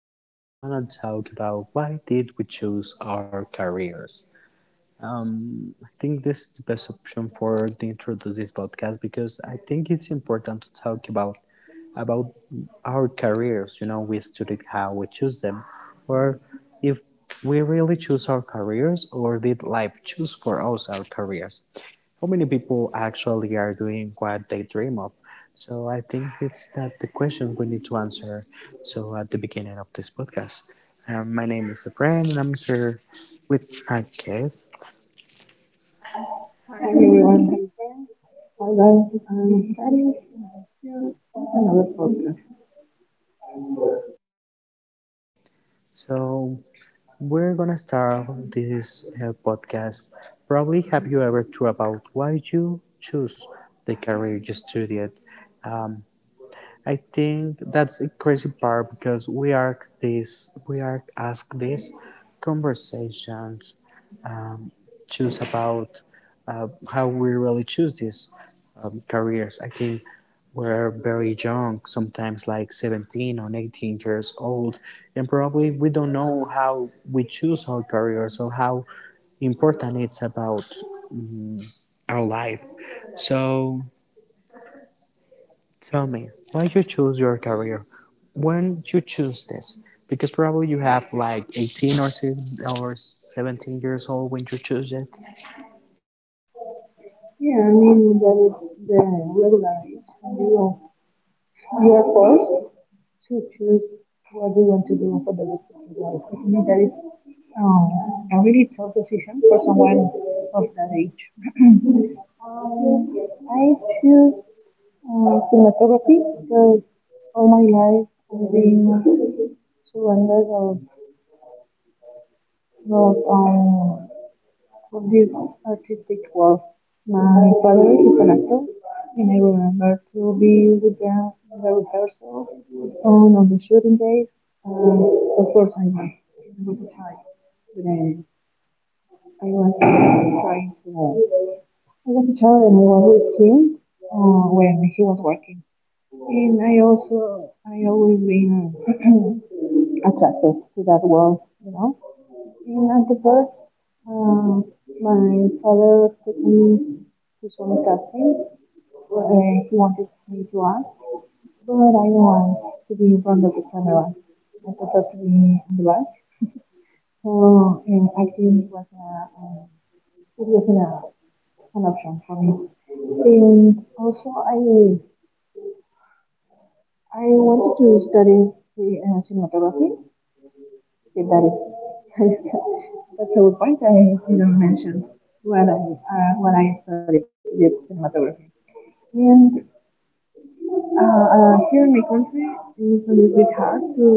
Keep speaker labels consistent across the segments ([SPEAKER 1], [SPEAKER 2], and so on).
[SPEAKER 1] We're gonna talk about why did we choose our careers. I think this is the best option for the introduce this podcast because I think it's important to talk about our careers. You know, we studied how we choose them, or if we really choose our careers, or did life choose for us our careers? How many people actually are doing what they dream of? So I think it's that the question we need to answer. So at the beginning of this podcast, my name is Efrain, and I'm here with my guest.
[SPEAKER 2] Hi everyone, thanks for that. That is still another problem.
[SPEAKER 1] So we're gonna start this podcast. Probably have you ever thought about why you choose the career you studied? Um, I think that's a crazy part because we are asked these conversations choose about how we really choose these careers. I think we're very young, sometimes like 17 or 18 years old, and probably we don't know how we choose our careers or how important it's about our life. So tell me, why you choose your career? When you choose this? Because probably you have like 18 or 17 years old when you choose it.
[SPEAKER 2] Yeah, I mean that is the regular age. You are forced to choose what you want to do for the rest of your life. I mean that is um, a really tough decision for someone of that age. Um, I choose cinematography because all my life I've been surrounded of um, of this artistic world. My father is an actor, and I remember to be with them in the rehearsal on the shooting days. And of course, I was with a child. Then I was trying to. I was a child, and I was with him when he was working. And I also, I always been attracted to that world, you know. The first, um, my father was taking me to some casting where he wanted me to act, but I don't want to be in front of the camera. I prefer to be in the back. So, acting was a, um, it wasn't a, an option for me. And also, I wanted to study the, cinematography. Okay, that is that's a good point. I didn't mention when I studied cinematography, and here in my country it is a little bit hard to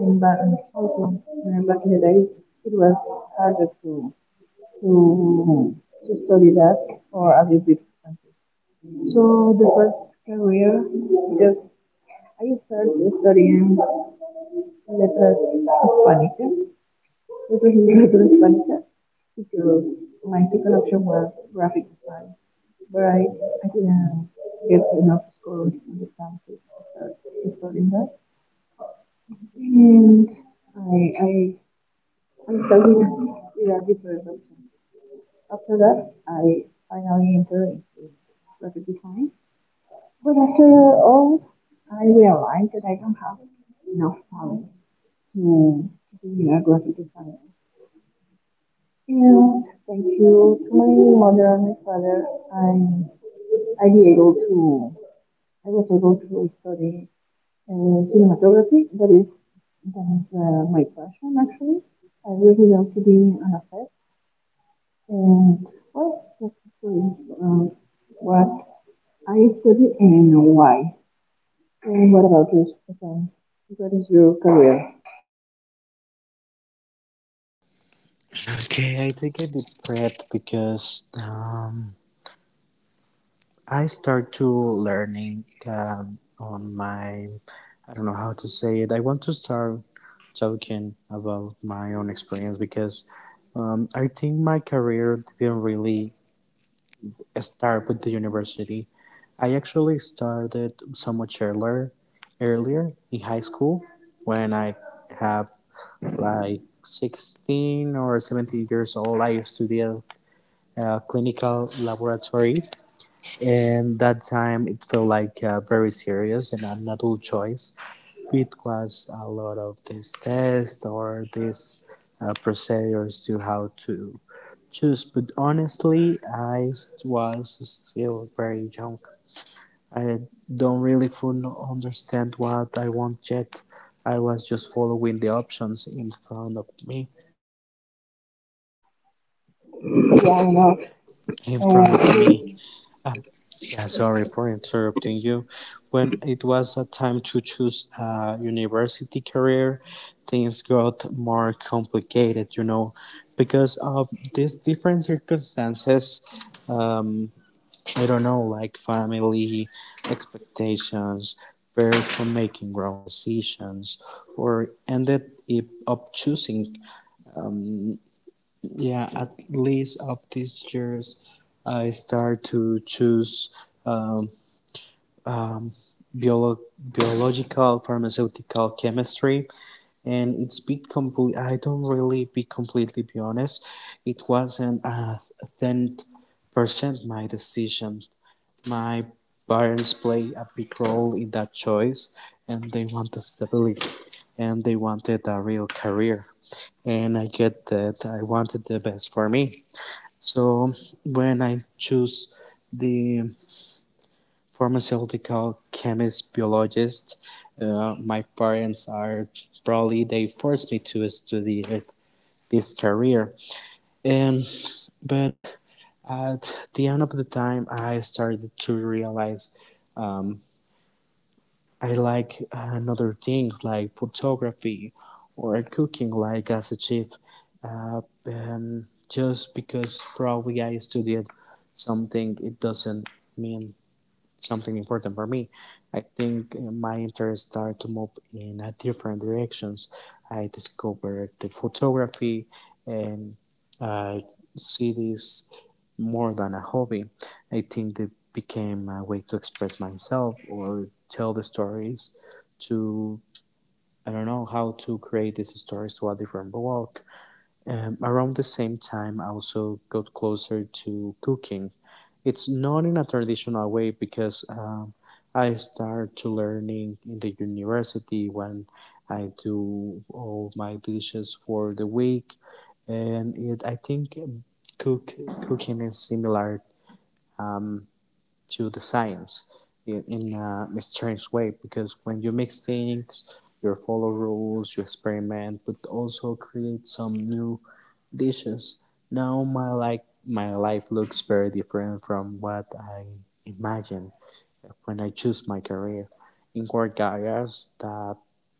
[SPEAKER 2] and but and also back in the days it was harder to study that or a little bit expensive. So the first career just I started studying letras hispánicas Little Hispánica, because my second option was graphic design, but I didn't get enough scores in the classes studying that. And I, I, I started with a different option. After that, I finally entered into graphic design. But after all, I realized that I don't have enough talent to be a graphic designer. Yeah, thank you to my mother and my father. i I be able to I was able to study cinematography. That is my passion actually. I really love to be an actor, and well, that's actually um, what I study and why. And what about you, Stefan? What is your career?
[SPEAKER 1] Okay, I take a deep breath because I start to learning on my, I don't know how to say it. I want to start talking about my own experience because I think my career didn't really start with the university. I actually started so much earlier, earlier in high school when I have like 16 or 17 years old. I studied clinical laboratory, and that time it felt like very serious and an adult choice. It was a lot of these tests or these procedures to how to choose, but honestly was still very young. I don't really fully understand what I want yet. I was just following the options
[SPEAKER 2] Yeah, I know.
[SPEAKER 1] in front of
[SPEAKER 2] Uh,
[SPEAKER 1] me. Yeah, sorry for interrupting you. When it was a time to choose a university career, things got more complicated, you know, because of these different circumstances. Um, I don't know, like family expectations, fear from making wrong decisions, or ended it up choosing. Yeah, at least of these years, I start to choose. um, biological, pharmaceutical chemistry, and it's bit been complete. I don't really be completely be honest. It wasn't a 10% my decision. My parents play a big role in that choice, and they wanted stability, and they wanted a real career, and I get that. I wanted the best for me. So when I choose the pharmaceutical chemist, biologist. My parents are probably they forced me to study this career. Um, but at the end of the time, I started to realize um, I like another things like photography or cooking, like as a chef. And just because probably I studied something, it doesn't mean something important for me. I think my interests start to move in a different directions. I discovered the photography, and I see this more than a hobby. I think it became a way to express myself or tell the stories to, I don't know how to create these stories to a different world. Around the same time, I also got closer to cooking. It's not in a traditional way because I start to learning in the university when I do all my dishes for the week, and it, I think cook cooking is similar to the science in a strange way because when you mix things, you follow rules, you experiment, but also create some new dishes. Now my, like my life looks very different from what I imagined when I choose my career. In work areas that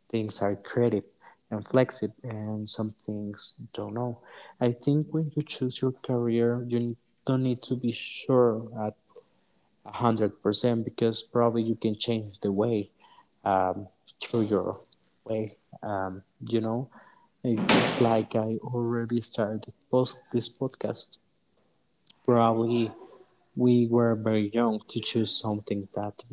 [SPEAKER 1] things are creative and flexible and some things don't know. I think when you choose your career you don't need to be sure at 100% because probably you can change the way um, through your way. Um, you know, it's like I already started post this podcast. Probably we were very young to choose something that.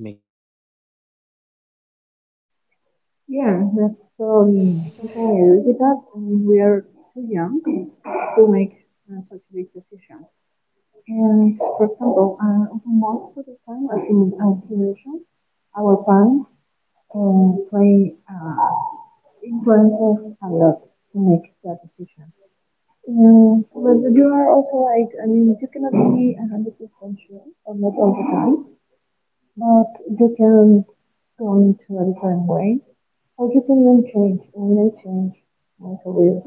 [SPEAKER 2] Yeah, that's probably. I totally
[SPEAKER 1] Okay.
[SPEAKER 2] agree with that. I mean, we are too young to make such big decisions. And for example, most of the time, as in our generation, our parents play influence us a lot to make that decision. But you are also like, I mean, you cannot be a 100% sure, or not all the time, but you can go into a different way. Everything will change. I will change my career.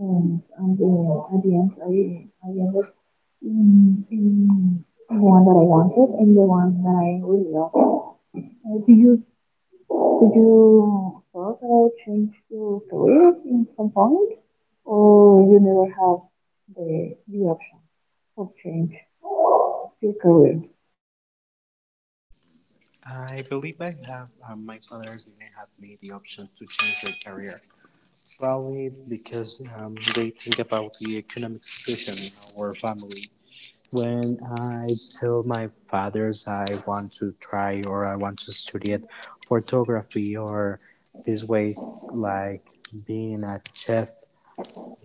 [SPEAKER 2] And I'm the, at the end, I ended in the one that I wanted and the one that I really love. Do you did you thought about change your career in some point, or you never have the option of change your career?
[SPEAKER 1] I believe I have my fathers didn't have me the option to change their career. Probably because they think about the economic situation in our family. When I tell my fathers I want to try or I want to study at photography or this way, like being a chef,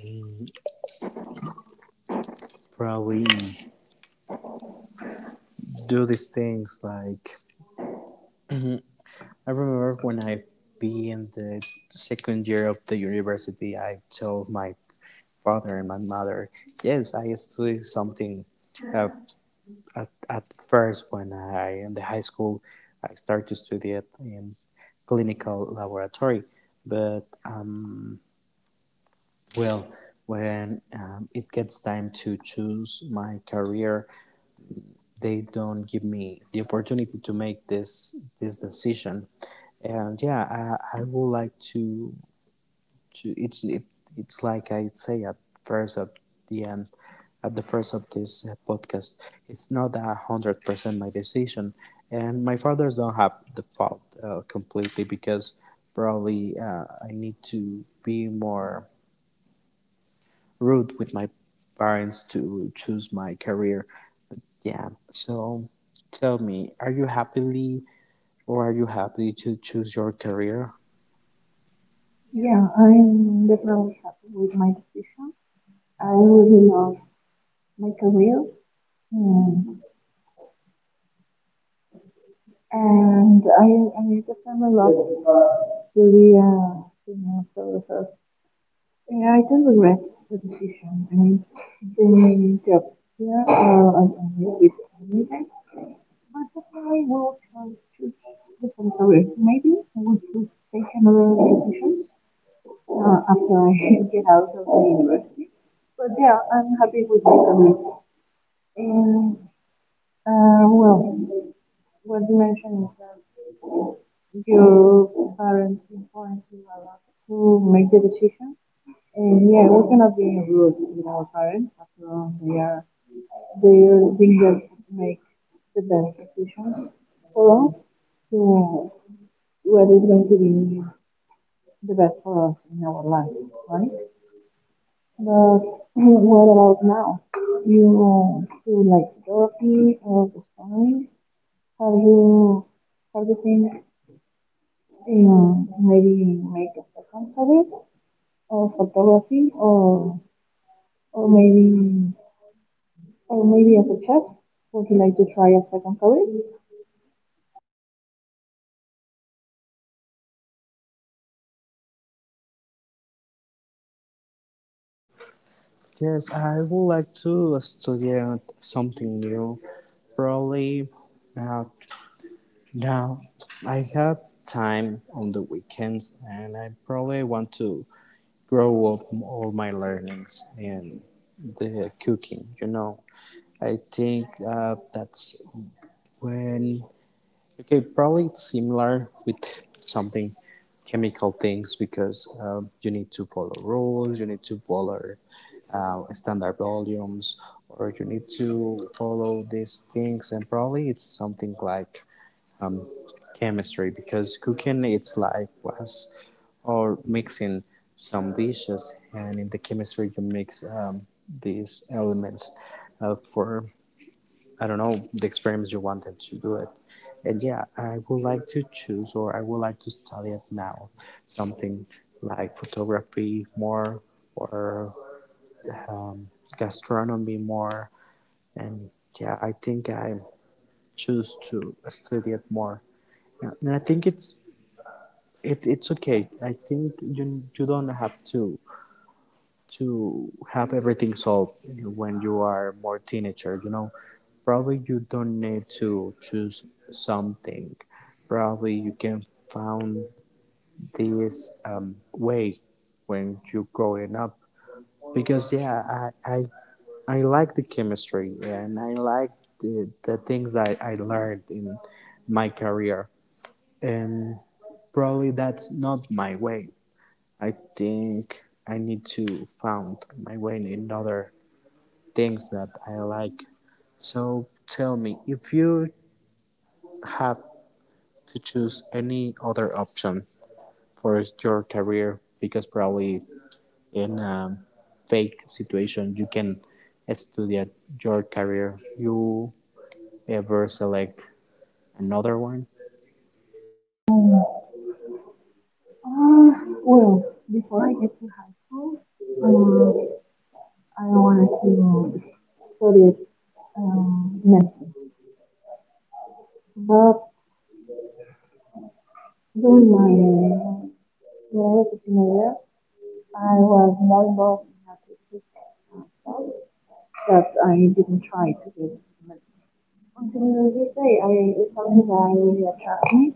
[SPEAKER 1] mm, probably do these things like, I remember when I be in the second year of the university, I told my father and my mother, yes, I studied something. Uh, at first, when I in the high school, I started to study it in clinical laboratory. But well, when it gets time to choose my career, they don't give me the opportunity to make this decision. And I would like to it's it, it's like I say at first, at the end, at the first of this podcast, it's not 100% my decision, and my fathers don't have the fault completely because probably I need to be more rude with my parents to choose my career. But yeah, so tell me, are you happily or are you happy to choose your career?
[SPEAKER 2] Yeah, I'm definitely happy with my decision. I really love my career, and and I just am a lot to the you know services. Yeah, I don't regret the decision. I mean, the jobs here are only with immigrants, but definitely I will choose different career. Maybe I would choose take another decision after I get out of the university. But yeah, I'm happy with my career. And well, what you mentioned is that your parents important to allow to make the decision. And yeah, we cannot be rude with our parents after all they are being that make the best decisions for us to what is going to be the best for us in our life, right? But what about now? You do like therapy or sparring? Have you how do you think maybe make a second habit or photography or maybe or maybe as a chef. Would you like to try a second career?
[SPEAKER 1] Yes, I would like to study something new. Probably uh, now I have time on the weekends, and I probably want to grow up all my learnings in the cooking, you know. I think that's when. Okay, probably it's similar with something chemical things because you need to follow rules, you need to follow standard volumes, or you need to follow these things. And probably it's something like chemistry because cooking it's like was or mixing some dishes, and in the chemistry you mix these elements for I don't know the experiments you wanted to do it. And yeah, I would like to choose or I would like to study it now, something like photography more or um, gastronomy more. And yeah, I think I choose to study it more. And I think it's okay. I think you don't have to have everything solved when you are more teenager, you know. Probably you don't need to choose something, probably you can find this way when you're growing up, because yeah i i, I like the chemistry, and I like the things that I learned in my career, and probably that's not my way. I think I need to find my way in another things that I like. So tell me, if you have to choose any other option for your career, because probably in a fake situation you can study your career, you ever select another one?
[SPEAKER 2] Uh, well, before I get to high school, um, I wanted to study medicine. But during my when I was a teenager, I was more involved in athletics that I didn't try to get into medicine. Until this day, I it's something that I really attracts me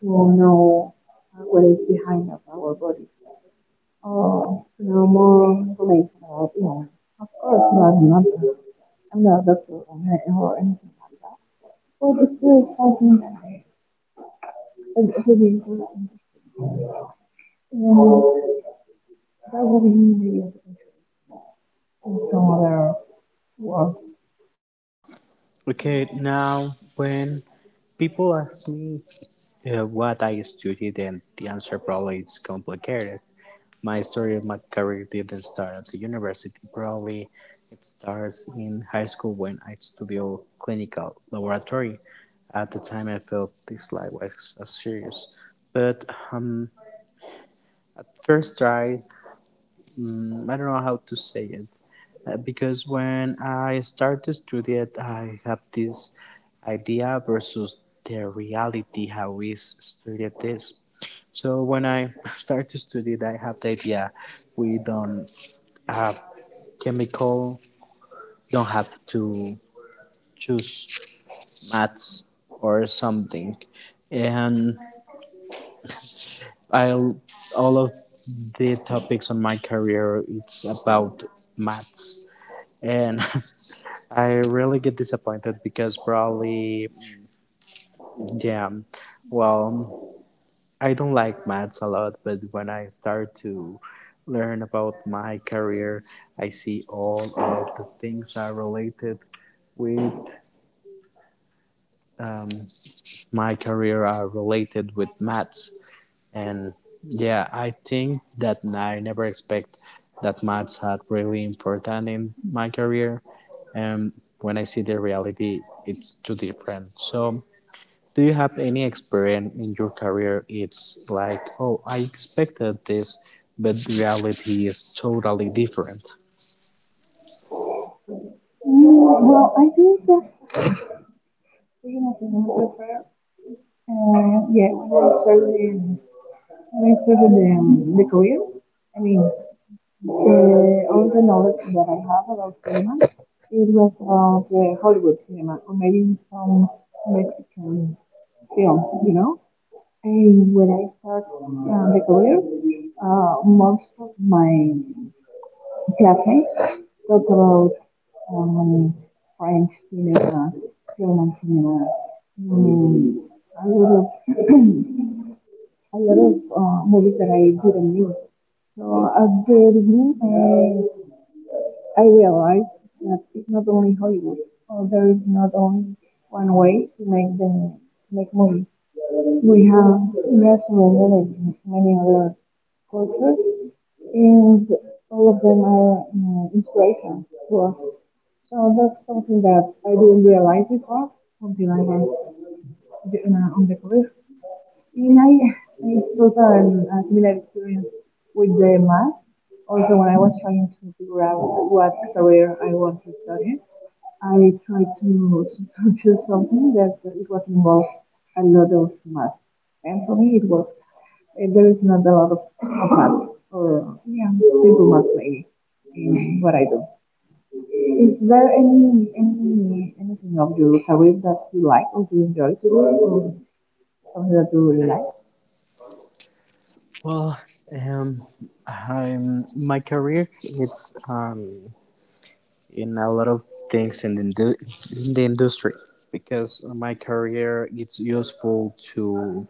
[SPEAKER 2] to know what is behind of our body. Oh, no more police love. Yeah, of course, not another. I'm not a doctor or anything. But it's still something that is really important. And that would be needed in some other work.
[SPEAKER 1] Okay, now when people ask me what I studied, and the answer probably is complicated. My story of my career didn't start at the university. Probably it starts in high school when I studied clinical laboratory. At the time, I felt this life was serious. But um, first try, I don't know how to say it. Because when I started to study it, I have this idea versus the reality, how we studied this. So when I start to study, I have the idea we don't have chemical, don't have to choose maths or something, and I'll all of the topics on my career it's about maths, and I really get disappointed because probably, yeah, well, I don't like maths a lot, but when I start to learn about my career, I see all of the things are related with um, my career are related with maths. And yeah, I think that I never expect that maths had really important in my career. And when I see the reality, it's too different. So do you have any experience in your career it's like, oh, I expected this, but reality is totally different?
[SPEAKER 2] Mm, well, I think that we have to go yeah, we will certainly, we certainly the career. I mean, all the knowledge that I have about cinema, it was of the Hollywood cinema, or maybe some Mexican films, you know. And when I started the career, most of my classmates talked about um, French cinema, German cinema, mm, a lot of a lot of movies that I didn't know. So at the beginning, I realized that it's not only Hollywood, or there is not only one way to make the make money. We have surrendered many other cultures, and all of them are inspiration to us. So that's something that I didn't realize before until I was on the career. And I got a similar experience with the math. Also, when I was trying to figure out what career I want to study, I tried to do something that it was involved a lot of math. And for me, it was, eh, there is not a lot of math or yeah, simple math maybe in what I do. Is there any anything of your career that you like or you enjoy to do or something that you really like?
[SPEAKER 1] Well, um I'm, my career it's in a lot of things in the, in the industry because my career it's useful to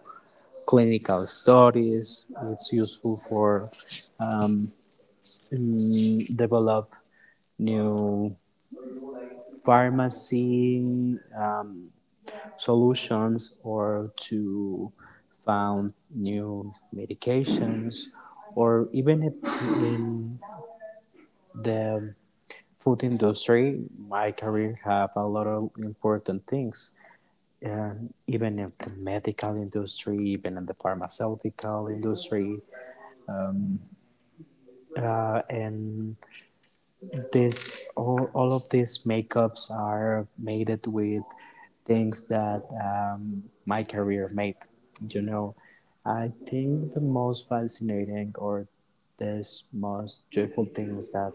[SPEAKER 1] clinical studies, it's useful for um, develop new pharmacy solutions or to found new medications, or even in the food industry my career have a lot of important things, and even in the medical industry, even in the pharmaceutical industry, and this all of these makeups are made with things that my career made. You know, I think the most fascinating or this most joyful things that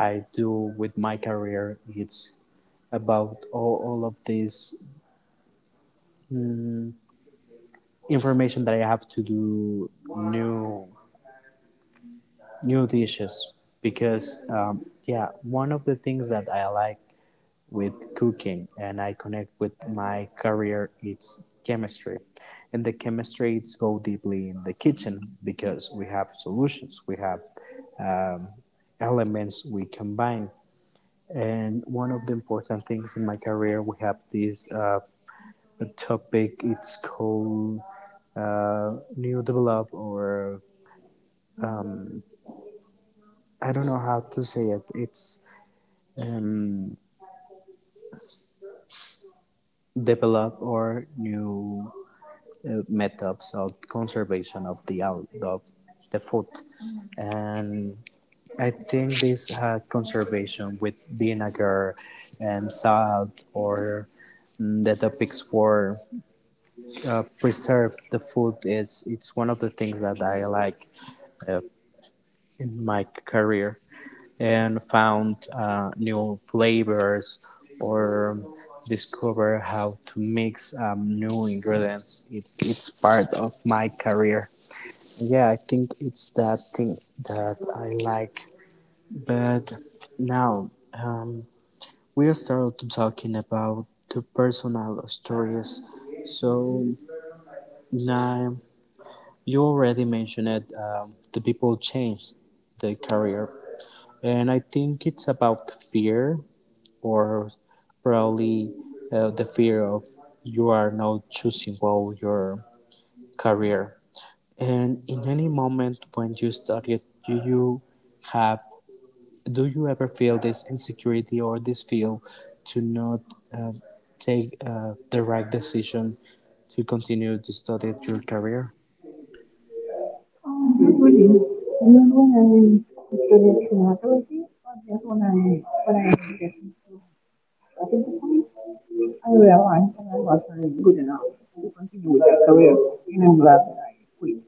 [SPEAKER 1] I do with my career it's about all of this mm, information that I have to do new dishes because yeah, one of the things that I like with cooking and I connect with my career it's chemistry. And the chemistry it's go deeply in the kitchen because we have solutions, we have um, elements, we combine. And one of the important things in my career, we have this topic, it's called new develop, or I don't know how to say it. It's um, develop or new methods of conservation of of the food. And I think this had conservation with vinegar and salt, or the topics for preserve the food is, it's one of the things that I like uh, in my career, and found new flavors or discover how to mix new ingredients. It's part of my career. Yeah, I think it's that things that I like. But now we are started talking about the personal stories. So now you already mentioned it. The people change their career, and I think it's about fear, or probably the fear of you are not choosing well your career. And in any moment when you started, do you have, do you ever feel this insecurity or this feel to not uh, take the right decision to continue to study your career?
[SPEAKER 2] Not really. Not when I studied cinematography, but just when when I get back in the time, I realized that I wasn't good enough to continue with that career, and I'm glad that I quit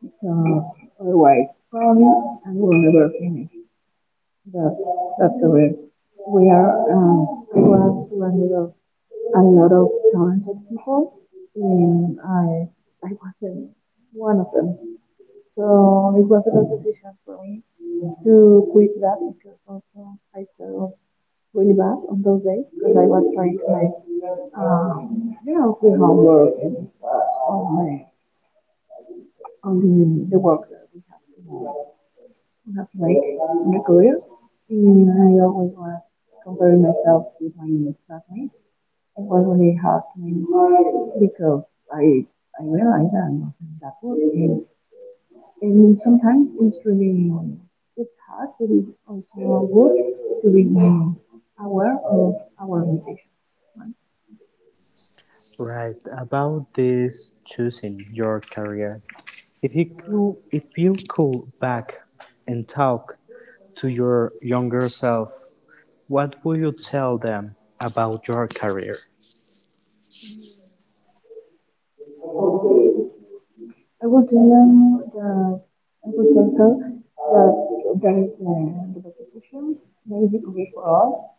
[SPEAKER 2] because otherwise, probably I will never finish that that career. We are I was surrounded of a lot of talented people, and I wasn't one of them. So it was a good decision for me to quit that because also I felt really bad on those days because I was trying to make uh, you know, we're hard work and, oh man, on the work that we have to do. We have to make in a career. And I always was comparing myself with my classmates. It was really hard to me because I, I realized that I wasn't that good. And sometimes it's hard, but it's also good to be aware of our limitations.
[SPEAKER 1] Right about this choosing your career. If you could back and talk to your younger self, what would you tell them about your career?
[SPEAKER 2] I would know the I would also that there is the repetition, there is a way for all.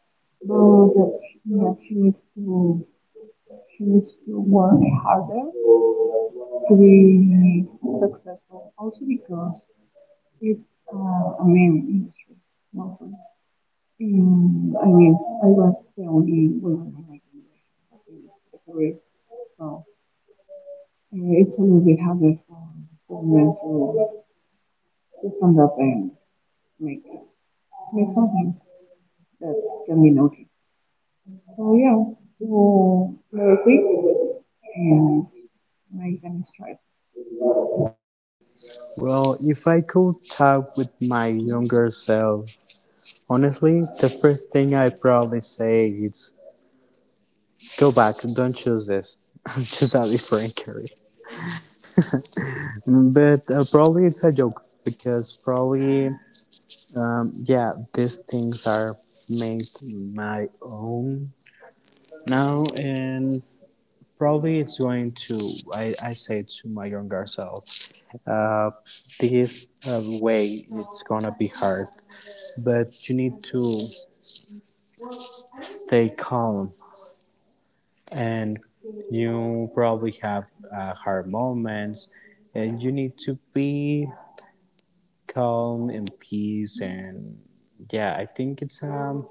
[SPEAKER 2] So that she needs to work harder to be successful. Also because it's a main industry. Not a- I mean, I was the only woman in my generation in the career, so it's a little bit harder for men to stand up and make. May something. That can be noted. So yeah, so very quick and I can strive.
[SPEAKER 1] Well, if I could talk with my younger self, honestly, the first thing I probably say is go back, don't choose this, choose a different career. But probably it's a joke, because probably yeah, these things are made my own now, and probably it's going to, I say to my younger self uh, this way it's gonna be hard, but you need to stay calm. And you probably have hard moments, and you need to be calm and peace. And yeah, I think it's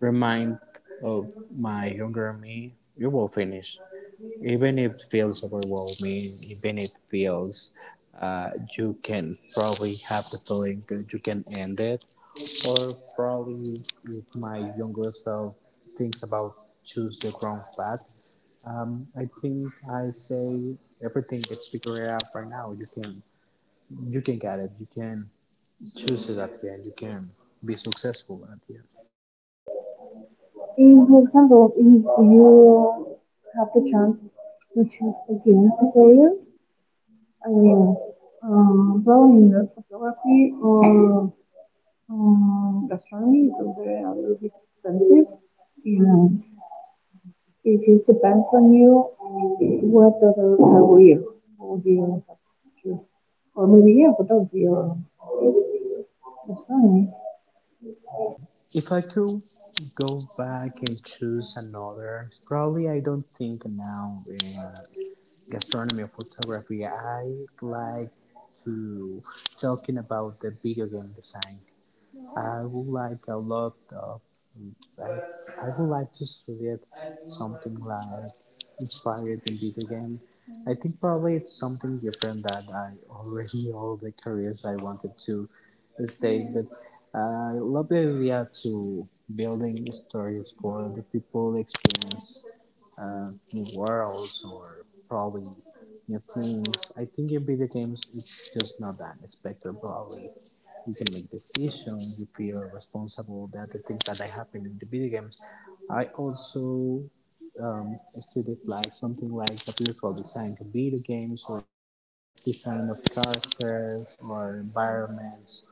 [SPEAKER 1] remind of my younger me, you will finish, even if it feels overwhelming, even if it feels uh, you can probably have the feeling that you can end it, or probably, if my younger self thinks about choose the wrong path, I think I say everything gets figured out right now. You can, you can get it, you can chooses at the end. You can be successful at the end.
[SPEAKER 2] In, for example, if you have the chance to choose again a career, I mean, probably in the photography or gastronomy because they're a little bit expensive and it just depends on you what other career would you choose. Or maybe yeah, photography or funny.
[SPEAKER 1] If I could go back and choose another, probably I don't think now in uh, gastronomy or photography. I like to talking about the video game design. I would like a lot of, well, I would like to suggest something like inspired in video game. I think probably it's something different that I already all the careers I wanted to stage, but I love the idea to building stories for the people experience uh, new worlds or probably new things. I think in video games it's just not that spectrum, probably you can make decisions, you feel responsible about the things that are happening in the video games. I also studied like something like the beautiful design to video games, or design of characters or environments,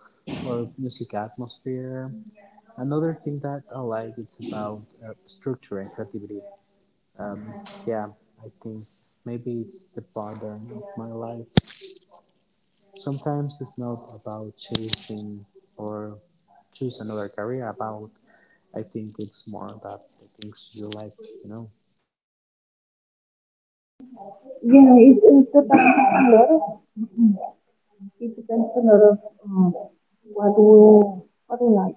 [SPEAKER 1] or music atmosphere. Another thing that I like it's about structure and creativity. Yeah, I think maybe it's the pattern of my life. Sometimes it's not about chasing or choose another career. About, I think it's more about the things you like. You know.
[SPEAKER 2] Yeah, it depends a lot of, mm, it depends a lot of um, what we what we like.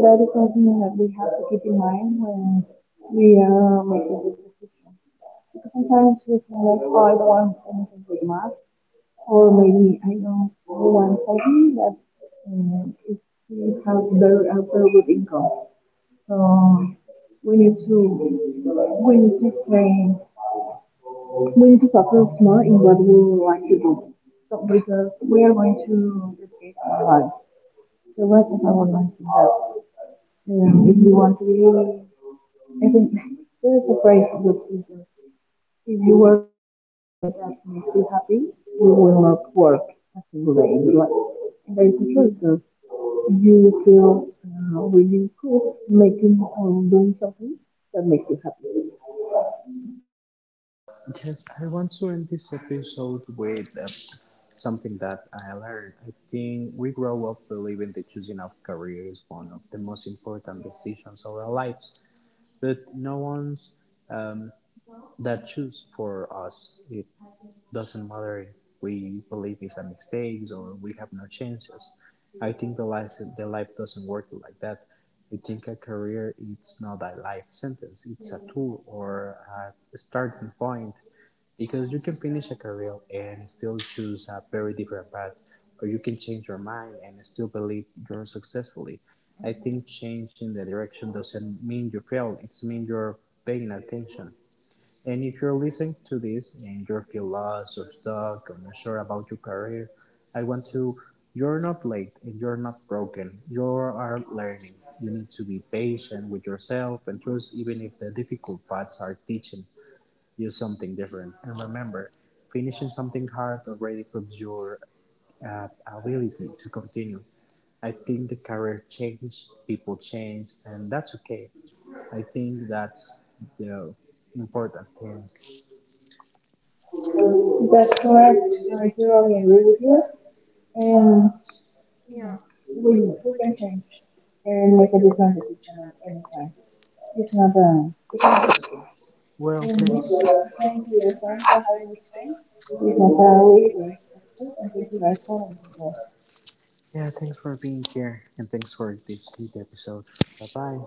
[SPEAKER 2] That is something that we have to keep in mind when we are making this decision. Because sometimes we feel like, oh, I don't want anything with math, or maybe I don't I want something that it, it has very a very good income. So we need to we need to stay we need to focus more in what we would like to do. So because we are going to dedicate our life. So what if I would like to have? If you want to be, I think there is a phrase that says, if you work in something that makes you happy, you will not work a single day in your life. And there is a truth that you feel really cool making or doing something that makes you happy.
[SPEAKER 1] Yes, I want to end this episode with something that I learned. I think we grow up believing that choosing a career is one of the most important decisions of our lives, but no one's um, that choose for us. It doesn't matter if we believe it's a mistake or we have no chances. I think the life doesn't work like that. I think a career it's not a life sentence. It's a tool or a starting point, because you can finish a career and still choose a very different path, or you can change your mind and still believe you're successfully. I think changing the direction doesn't mean you fail. It's mean you're paying attention. And if you're listening to this and you feel lost or stuck or not sure about your career, I want to. You're not late and you're not broken. You are learning. You need to be patient with yourself and trust, even if the difficult paths are teaching you something different. And remember, finishing something hard already proves your ability to continue. I think the career changed, people changed, and that's okay. I think that's the important thing.
[SPEAKER 2] That's correct. I totally agree with you. And yeah. We can change and make a different decision at any time. It's not a,
[SPEAKER 1] Well,
[SPEAKER 2] in this
[SPEAKER 1] thanks.
[SPEAKER 2] way of change we return to high return. It is not a way to accept and take the right form of the
[SPEAKER 1] Yeah, thanks for being here, and thanks for this heat episode. Bye bye.